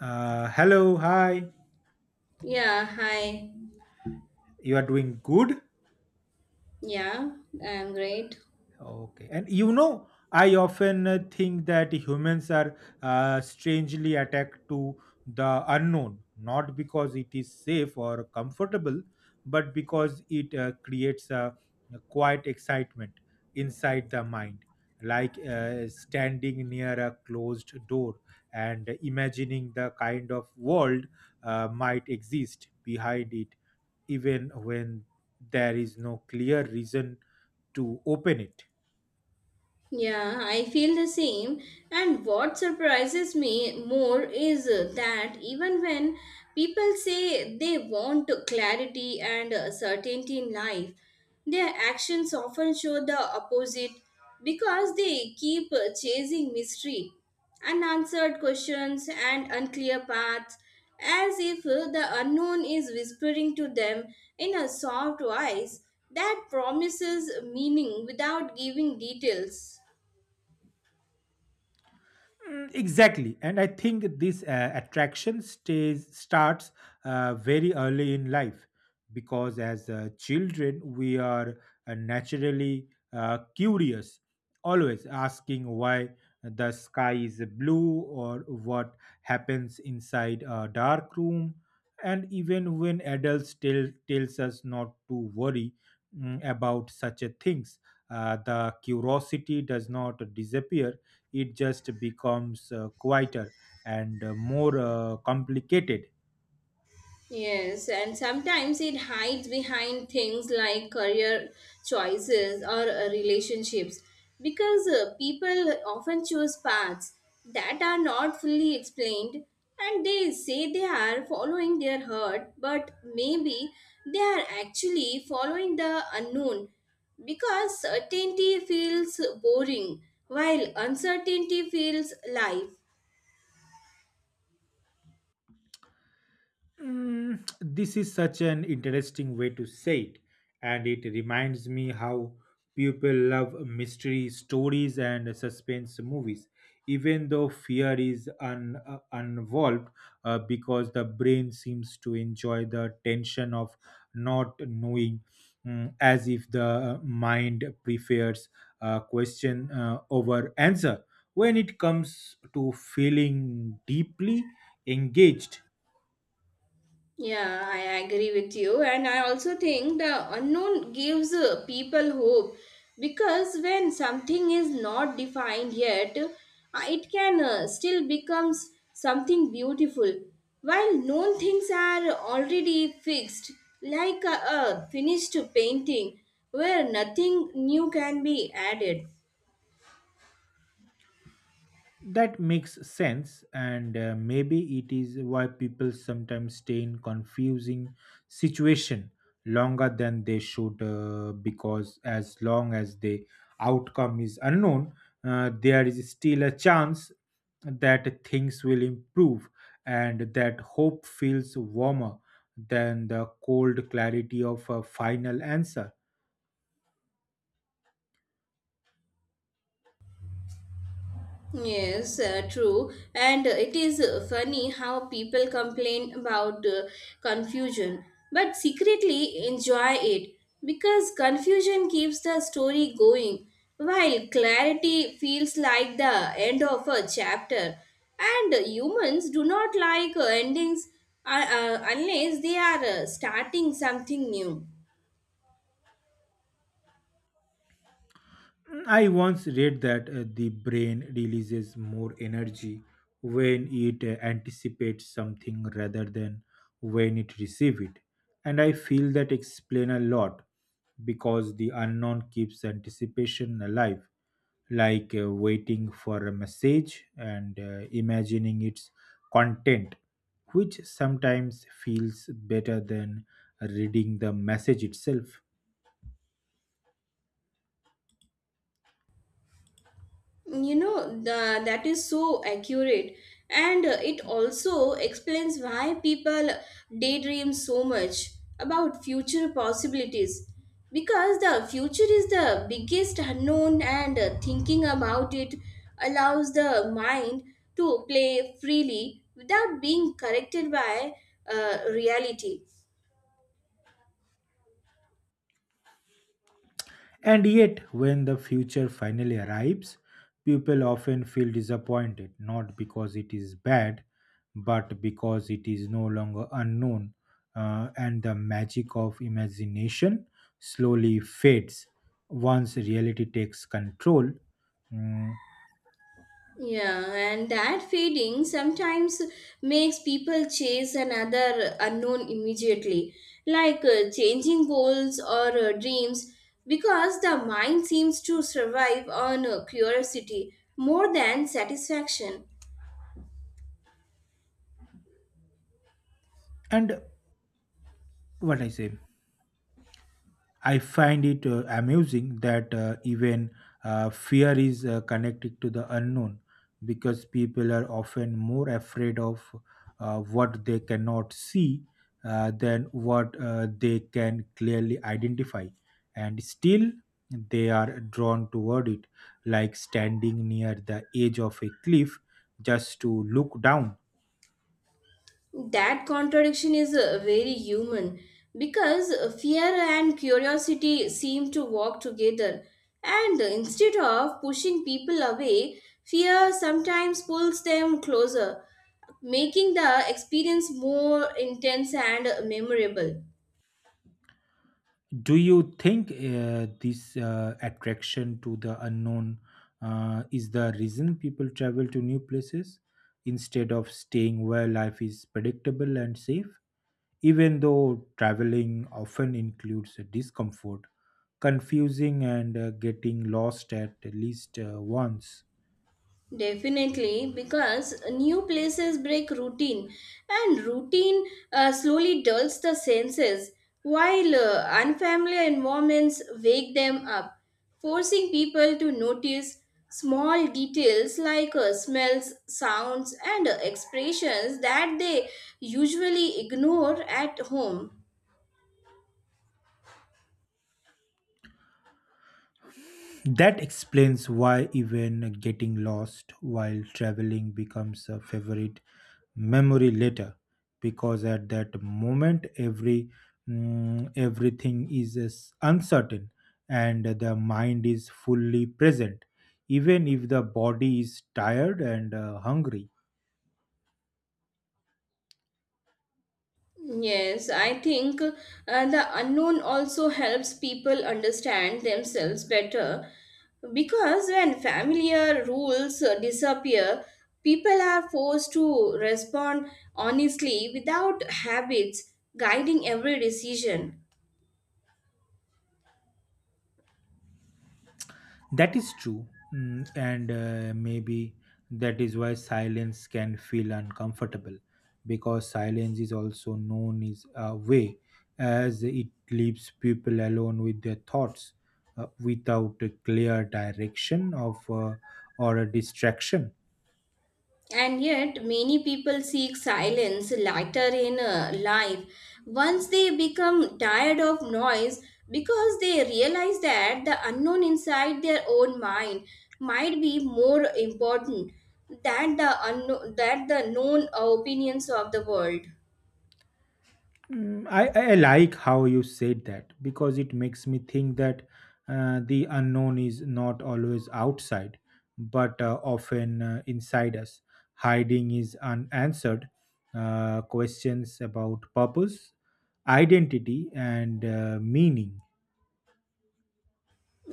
Hello, hi. Yeah, hi. You are doing good? Yeah, I'm great. Okay. And you know, I often think that humans are strangely attacked to the unknown, not because it is safe or comfortable, but because it creates a quiet excitement inside the mind, like standing near a closed door and imagining the kind of world might exist behind it, even when there is no clear reason to open it. Yeah, I feel the same. And what surprises me more is that even when people say they want clarity and certainty in life, their actions often show the opposite because they keep chasing mystery, unanswered questions, and unclear paths as if the unknown is whispering to them in a soft voice that promises meaning without giving details. Exactly, and I think this attraction stays starts very early in life because as children we are naturally curious, always asking why the sky is blue or what happens inside a dark room. And even when adults tell tells us not to worry, about such a things, the curiosity does not disappear, it just becomes quieter and more complicated. Yes, and sometimes it hides behind things like career choices or relationships because people often choose paths that are not fully explained and they say they are following their heart, but maybe they are actually following the unknown because certainty feels boring while uncertainty feels life. This is such an interesting way to say it, and it reminds me how people love mystery stories and suspense movies, even though fear is involved, because the brain seems to enjoy the tension of not knowing, as if the mind prefers a question over answer. When it comes to feeling deeply engaged. Yeah, I agree with you. And I also think the unknown gives people hope because when something is not defined yet, it can still becomes something beautiful. While known things are already fixed, like a finished painting where nothing new can be added. That makes sense, and maybe it is why people sometimes stay in confusing situation longer than they should, because as long as the outcome is unknown, there is still a chance that things will improve, and that hope feels warmer than the cold clarity of a final answer. Yes, true. And it is funny how people complain about confusion, but secretly enjoy it because confusion keeps the story going, while clarity feels like the end of a chapter. And humans do not like endings unless they are starting something new. I once read that the brain releases more energy when it anticipates something rather than when it receives it. And I feel that explain a lot because the unknown keeps anticipation alive, like waiting for a message and imagining its content, which sometimes feels better than reading the message itself. That is so accurate and it also explains why people daydream so much about future possibilities because the future is the biggest unknown and thinking about it allows the mind to play freely without being corrected by reality. And yet, when the future finally arrives, people often feel disappointed not because it is bad, but because it is no longer unknown, and the magic of imagination slowly fades once reality takes control. Mm, Yeah, and that fading sometimes makes people chase another unknown immediately, like changing goals or dreams, because the mind seems to survive on curiosity more than satisfaction. And what I say, I find it amusing that even fear is connected to the unknown because people are often more afraid of what they cannot see than what they can clearly identify. And still, they are drawn toward it, like standing near the edge of a cliff just to look down. That contradiction is very human because fear and curiosity seem to walk together, and instead of pushing people away, fear sometimes pulls them closer making the experience more intense and memorable. Do you think this attraction to the unknown is the reason people travel to new places instead of staying where life is predictable and safe? Even though traveling often includes discomfort, confusing, and getting lost at least once. Definitely, because new places break routine, and routine slowly dulls the senses, while unfamiliar environments wake them up, forcing people to notice small details like smells, sounds, and expressions that they usually ignore at home. That explains why even getting lost while traveling becomes a favorite memory later because at that moment everything is as uncertain and the mind is fully present even if the body is tired and hungry. Yes, I think the unknown also helps people understand themselves better because when familiar rules disappear, people are forced to respond honestly without habits guiding every decision. That is true, and maybe that is why silence can feel uncomfortable because silence is also known as a way as it leaves people alone with their thoughts without a clear direction of or a distraction. And yet, many people seek silence later in life once they become tired of noise because they realize that the unknown inside their own mind might be more important than the unknown, that the known opinions of the world. I like how you said that because it makes me think that the unknown is not always outside, but often inside us. Hiding is unanswered questions about purpose, identity, and meaning.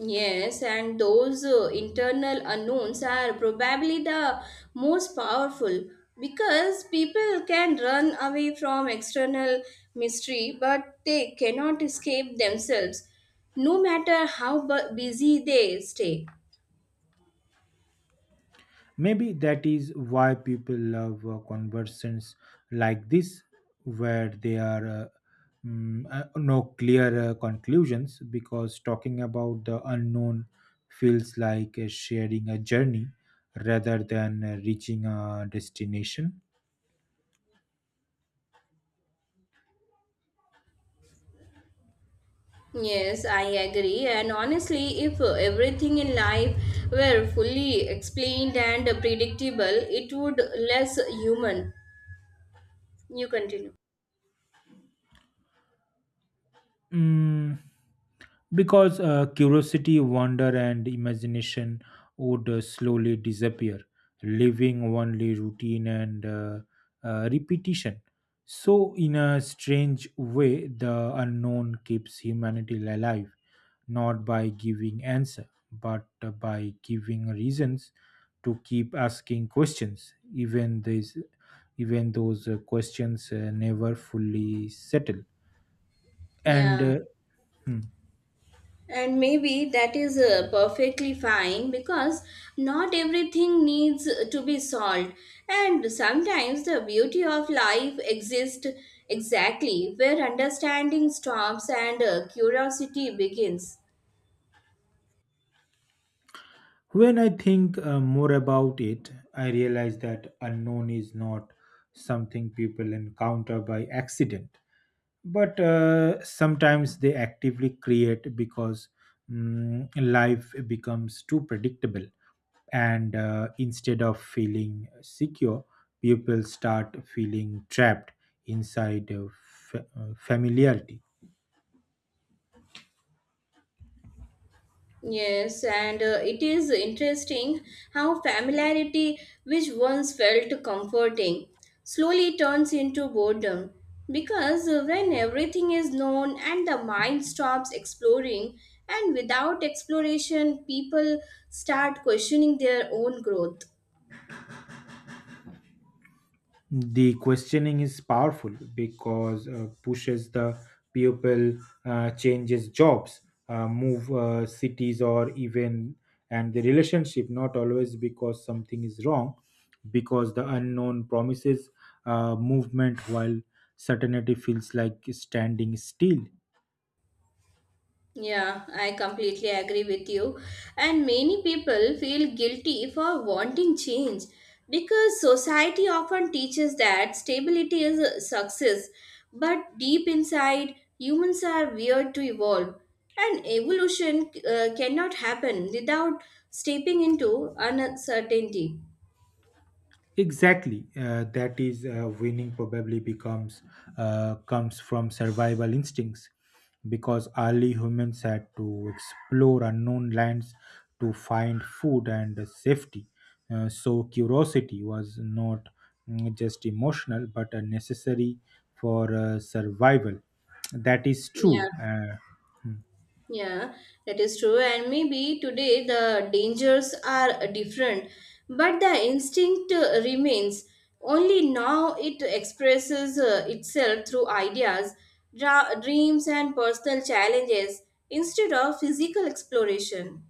Yes, and those internal unknowns are probably the most powerful because people can run away from external mystery, but they cannot escape themselves, no matter how busy they stay. Maybe that is why people love conversations like this, where there are no clear conclusions, because talking about the unknown feels like sharing a journey rather than reaching a destination. Yes, I agree. And honestly, if everything in life were fully explained and predictable, it would less human. You continue. Mm, because curiosity, wonder, and imagination would slowly disappear, leaving only routine and repetition. So, in a strange way, the unknown keeps humanity alive, not by giving answer, but by giving reasons to keep asking questions, even those questions never fully settle. And Yeah. Hmm. And maybe that is perfectly fine because not everything needs to be solved. And sometimes the beauty of life exists exactly where understanding stops and curiosity begins. When I think more about it, I realize that unknown is not something people encounter by accident, but sometimes they actively create because life becomes too predictable. And instead of feeling secure, people start feeling trapped inside familiarity. Yes, and it is interesting how familiarity, which once felt comforting, slowly turns into boredom. Because when everything is known and the mind stops exploring, and without exploration, people start questioning their own growth. The questioning is powerful because pushes the pupil, changes jobs, move cities, or even and the relationship. Not always because something is wrong, because the unknown promises movement while certainty feels like standing still. Yeah, I completely agree with you. And many people feel guilty for wanting change because society often teaches that stability is a success. But deep inside, humans are weird to evolve. And evolution cannot happen without stepping into uncertainty. Exactly. That is winning probably becomes comes from survival instincts because early humans had to explore unknown lands to find food and safety. So curiosity was not just emotional but necessary for survival. That is Yeah. true. Uh, Yeah, that is true. And maybe today the dangers are different, but the instinct remains. Only now it expresses itself through ideas, dreams, and personal challenges instead of physical exploration.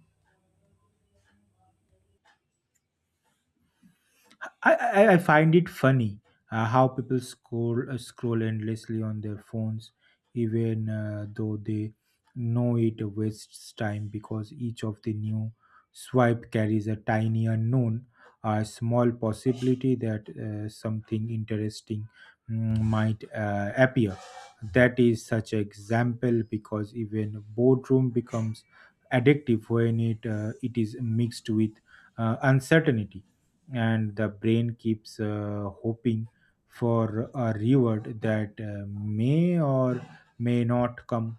I, I I find it funny how people scroll endlessly on their phones, even though they know it wastes time because each of the new swipe carries a tiny unknown, a small possibility that something interesting might appear. That is such an example because even boardroom becomes addictive when it is mixed with uncertainty and the brain keeps hoping for a reward that may or may not come.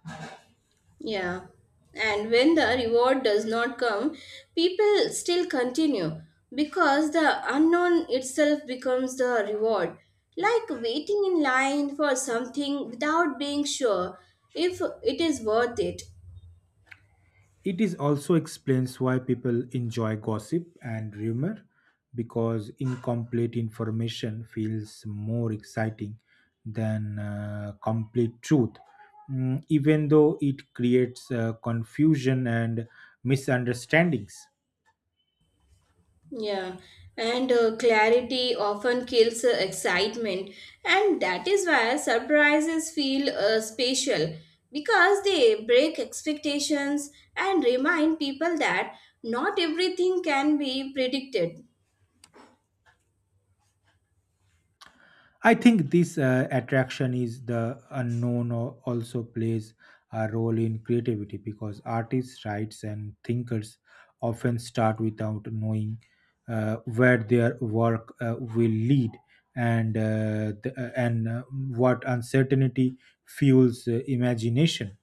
Yeah. And when the reward does not come, people still continue because the unknown itself becomes the reward. Like waiting in line for something without being sure if it is worth it. It is also explains why people enjoy gossip and rumor because incomplete information feels more exciting than complete truth. Even though it creates confusion and misunderstandings. Yeah, and clarity often kills excitement, and that is why surprises feel special because they break expectations and remind people that not everything can be predicted. I think this attraction is the unknown or also plays a role in creativity because artists, writers, and thinkers often start without knowing where their work will lead and the, and what uncertainty fuels imagination.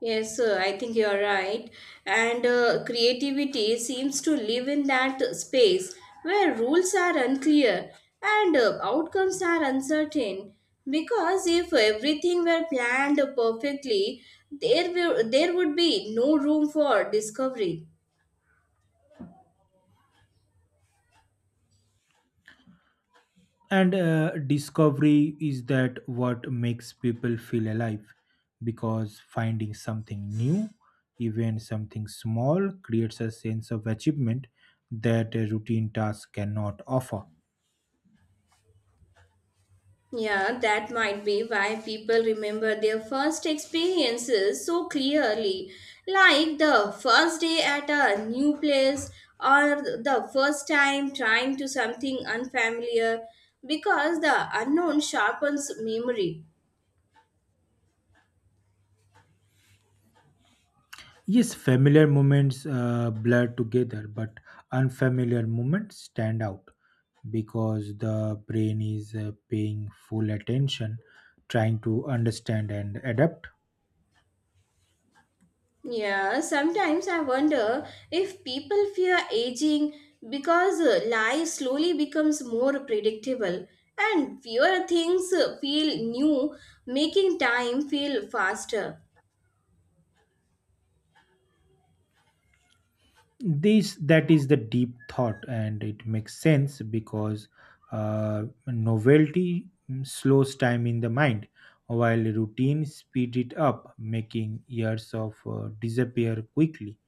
Yes, sir, I think you're right. And creativity seems to live in that space where rules are unclear and outcomes are uncertain. Because if everything were planned perfectly, there would be no room for discovery. And discovery is that what makes people feel alive because finding something new, even something small, creates a sense of achievement that a routine task cannot offer. Yeah, that might be why people remember their first experiences so clearly, like the first day at a new place or the first time trying to something unfamiliar because the unknown sharpens memory. Yes, familiar moments blur together, but unfamiliar moments stand out because the brain is paying full attention, trying to understand and adapt. Yeah, sometimes I wonder if people fear aging because life slowly becomes more predictable and fewer things feel new, making time feel faster. This that is the deep thought and it makes sense because novelty slows time in the mind while routine speed it up making years of disappear quickly.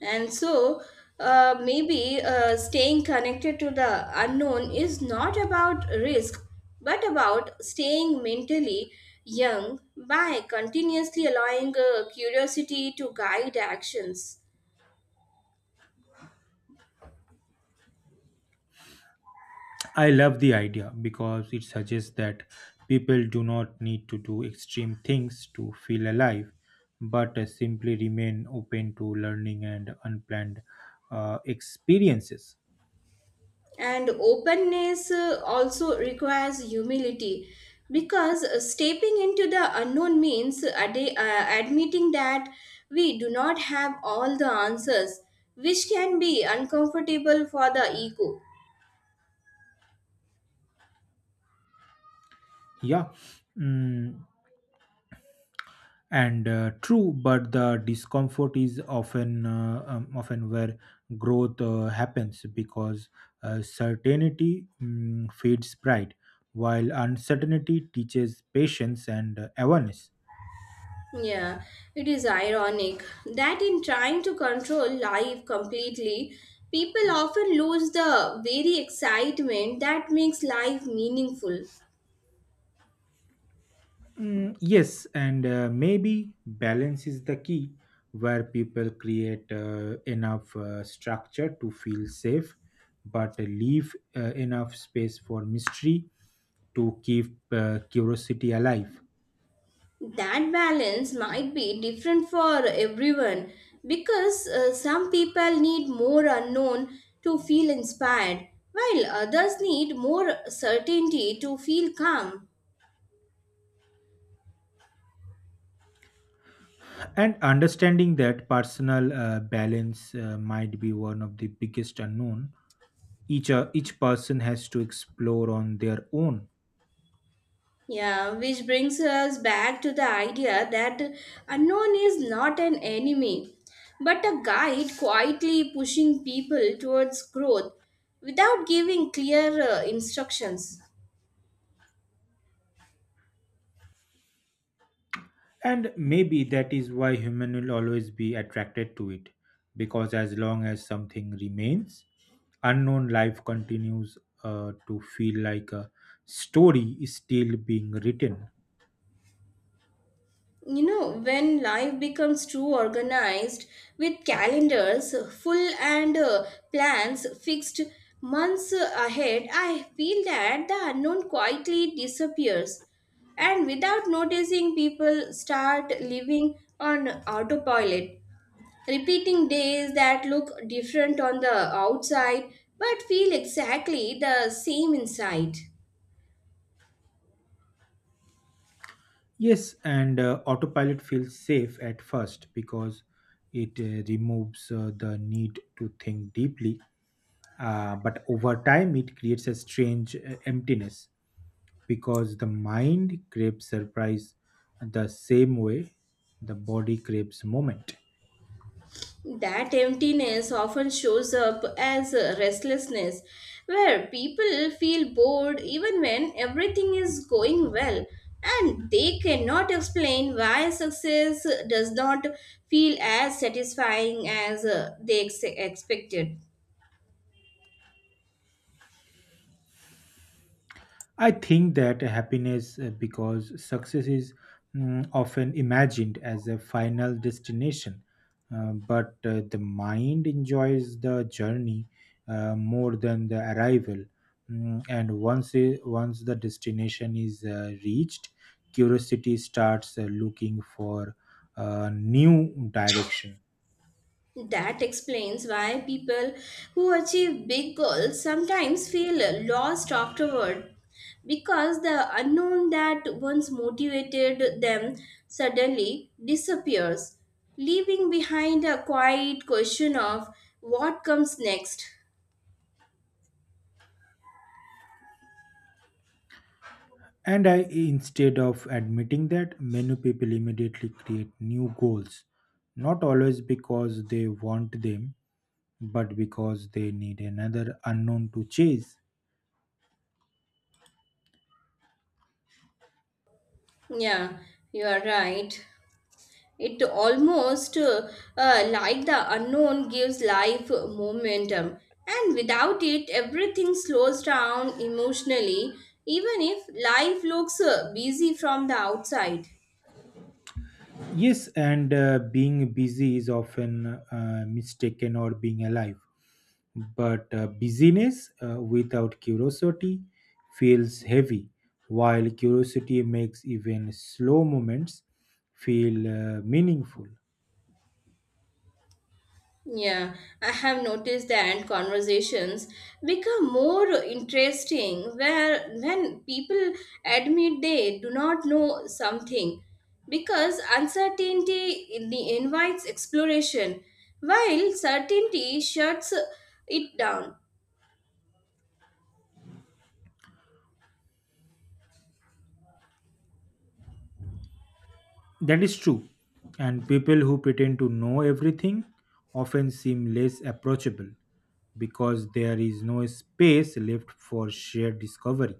And so, maybe staying connected to the unknown is not about risk, but about staying mentally young by continuously allowing curiosity to guide actions. I love the idea because it suggests that people do not need to do extreme things to feel alive but simply remain open to learning and unplanned experiences. And openness also requires humility because stepping into the unknown means admitting that we do not have all the answers, which can be uncomfortable for the ego. Yeah. Mm, and true but the discomfort is often often where growth happens because certainty feeds pride while uncertainty teaches patience and awareness. Yeah, it is ironic that in trying to control life completely, people often lose the very excitement that makes life meaningful. Yes and maybe balance is the key where people create enough structure to feel safe but leave enough space for mystery to keep curiosity alive. That balance might be different for everyone because some people need more unknown to feel inspired, while others need more certainty to feel calm. And understanding that personal balance might be one of the biggest unknown each person has to explore on their own. Yeah, which brings us back to the idea that unknown is not an enemy, but a guide quietly pushing people towards growth without giving clear instructions. And maybe that is why human will always be attracted to it, because as long as something remains, unknown life continues to feel like a story is still being written. You know, when life becomes too organized with calendars full and plans fixed months ahead, I feel that the unknown quietly disappears. And without noticing, people start living on autopilot, repeating days that look different on the outside but feel exactly the same inside. Yes, and autopilot feels safe at first because it removes the need to think deeply. But over time, it creates a strange emptiness because the mind craves surprise the same way the body craves moment. That emptiness often shows up as restlessness, where people feel bored even when everything is going well, and they cannot explain why success does not feel as satisfying as they expected. I think that happiness, because success is often imagined as a final destination, but the mind enjoys the journey more than the arrival. And once the destination is reached, curiosity starts looking for a new direction. That explains why people who achieve big goals sometimes feel lost afterward because the unknown that once motivated them suddenly disappears, leaving behind a quiet question of what comes next. And I, instead of admitting that, many people immediately create new goals, not always because they want them, but because they need another unknown to chase. Yeah, you are right. It almost like the unknown gives life momentum, and without it, everything slows down emotionally, even if life looks busy from the outside. Yes, and being busy is often mistaken or being alive, but busyness without curiosity feels heavy, while curiosity makes even slow moments feel meaningful. Yeah, I have noticed that conversations become more interesting where when people admit they do not know something because uncertainty invites exploration while certainty shuts it down. That is true. And people who pretend to know everything often seem less approachable because there is no space left for shared discovery.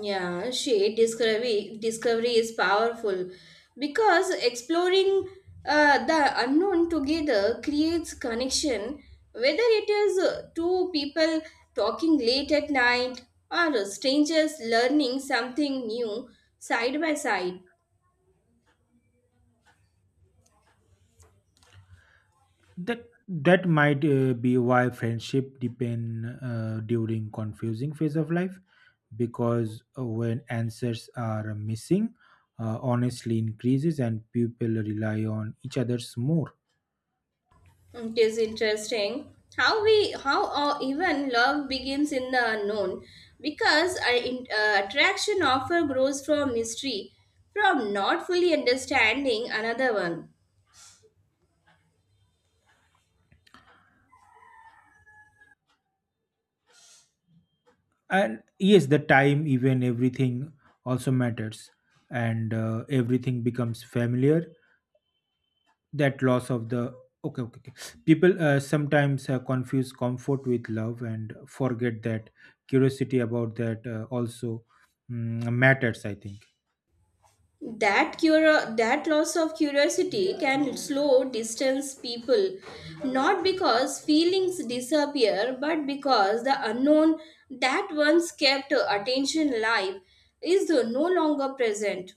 Yeah, shade discovery is powerful because exploring the unknown together creates connection. Whether it is two people talking late at night or strangers learning something new side by side. That that might be why friendship depend during confusing phase of life because when answers are missing, honestly increases and people rely on each others more. It is interesting how we how or even love begins in the unknown because our attraction often grows from mystery from not fully understanding another one And yes the time even everything also matters, and everything becomes familiar that loss of the okay. People sometimes confuse comfort with love and forget that curiosity about that also matters I think. that cura that loss of curiosity can slow distance people not because feelings disappear but because the unknown that once kept attention alive is no longer present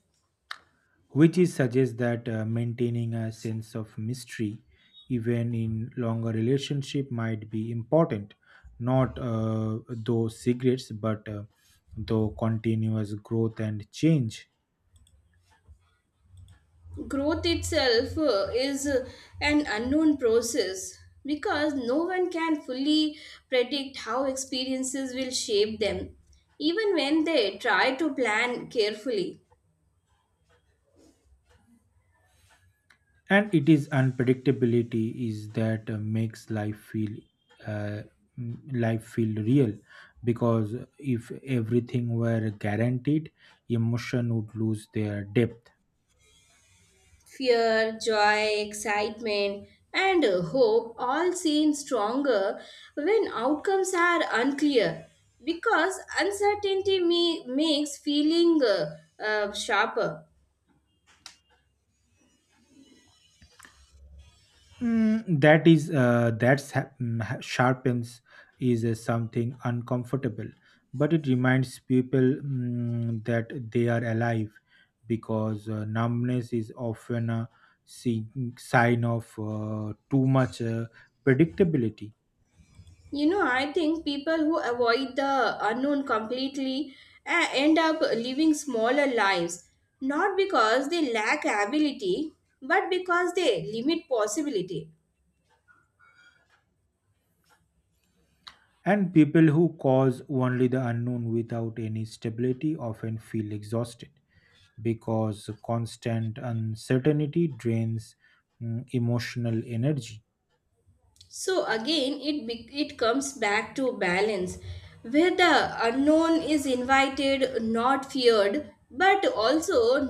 Which is suggests that maintaining a sense of mystery even in longer relationship might be important, not those secrets, but though continuous growth and change. growth itself is an unknown process because no one can fully predict how experiences will shape them, even when they try to plan carefully. And it is unpredictability is that makes life feel uh, life feel real because if everything were guaranteed emotion would lose their depth. Fear, joy, excitement, and hope all seem stronger when outcomes are unclear because uncertainty makes feeling sharper. That is that's ha- mm, ha- sharpens is something uncomfortable but it reminds people that they are alive because numbness is often a sign of too much predictability. You know, I think people who avoid the unknown completely end up living smaller lives, not because they lack ability, but because they limit possibility. And people who cause only the unknown without any stability often feel exhausted because constant uncertainty drains emotional energy. So again, it comes back to balance, where the unknown is invited, not feared, but also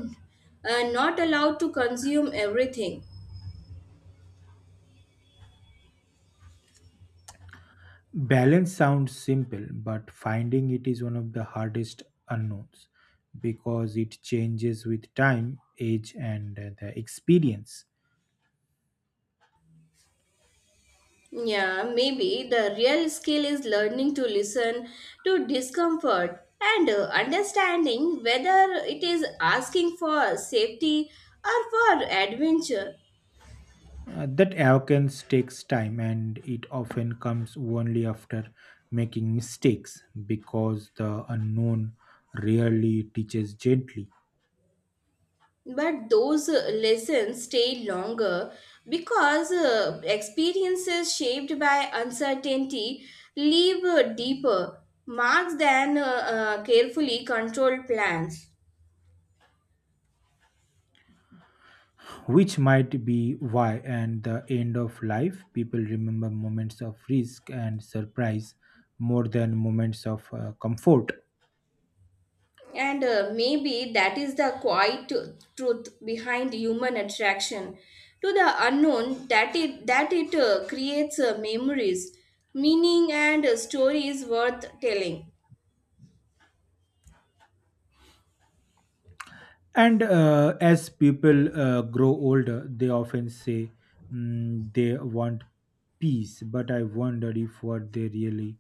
not allowed to consume everything. Balance sounds simple, but finding it is one of the hardest unknowns because it changes with time, age, and the experience. Yeah, maybe the real skill is learning to listen to discomfort and understanding whether it is asking for safety or for adventure. That arrogance takes time and it often comes only after making mistakes because the unknown rarely teaches gently, But those lessons stay longer because experiences shaped by uncertainty leave deeper marks than carefully controlled plans. which might be why, at the end of life, people remember moments of risk and surprise more than moments of comfort. And maybe that is the quiet truth behind human attraction to the unknown that it creates memories, meaning and stories worth telling. And as people grow older, they often say they want peace, but I wondered if what they really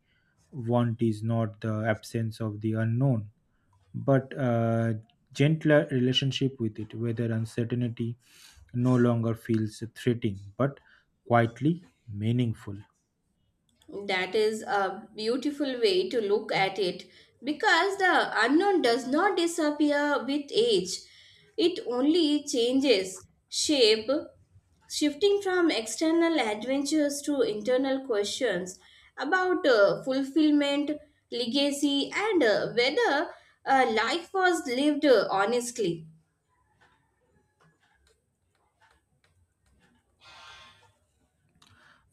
want is not the absence of the unknown, but a gentler relationship with it, whether uncertainty no longer feels threatening, but quietly meaningful. That is a beautiful way to look at it because the unknown does not disappear with age. It only changes shape, shifting from external adventures to internal questions about fulfillment, legacy, and whether life was lived honestly.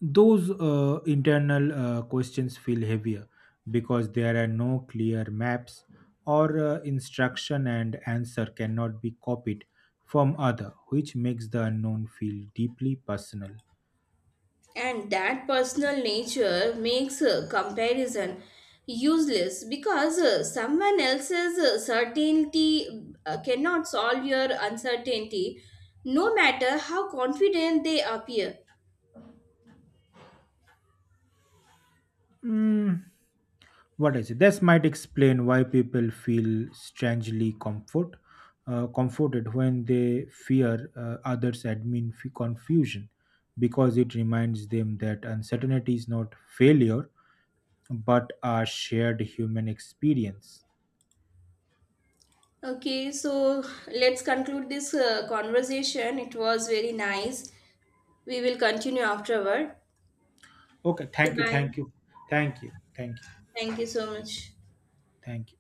Those internal questions feel heavier because there are no clear maps or instruction and answer cannot be copied from other which makes the unknown feel deeply personal. And that personal nature makes comparison useless because someone else's certainty cannot solve your uncertainty, no matter how confident they appear. What is it this might explain why people feel strangely comfort, comforted when they fear others admin confusion because it reminds them that uncertainty is not failure but a shared human experience. Okay, so let's conclude this conversation. It was very nice. We will continue afterward. Okay, Okay, thank you, bye. thank you, thank you, thank you, Thank you so much. thank you.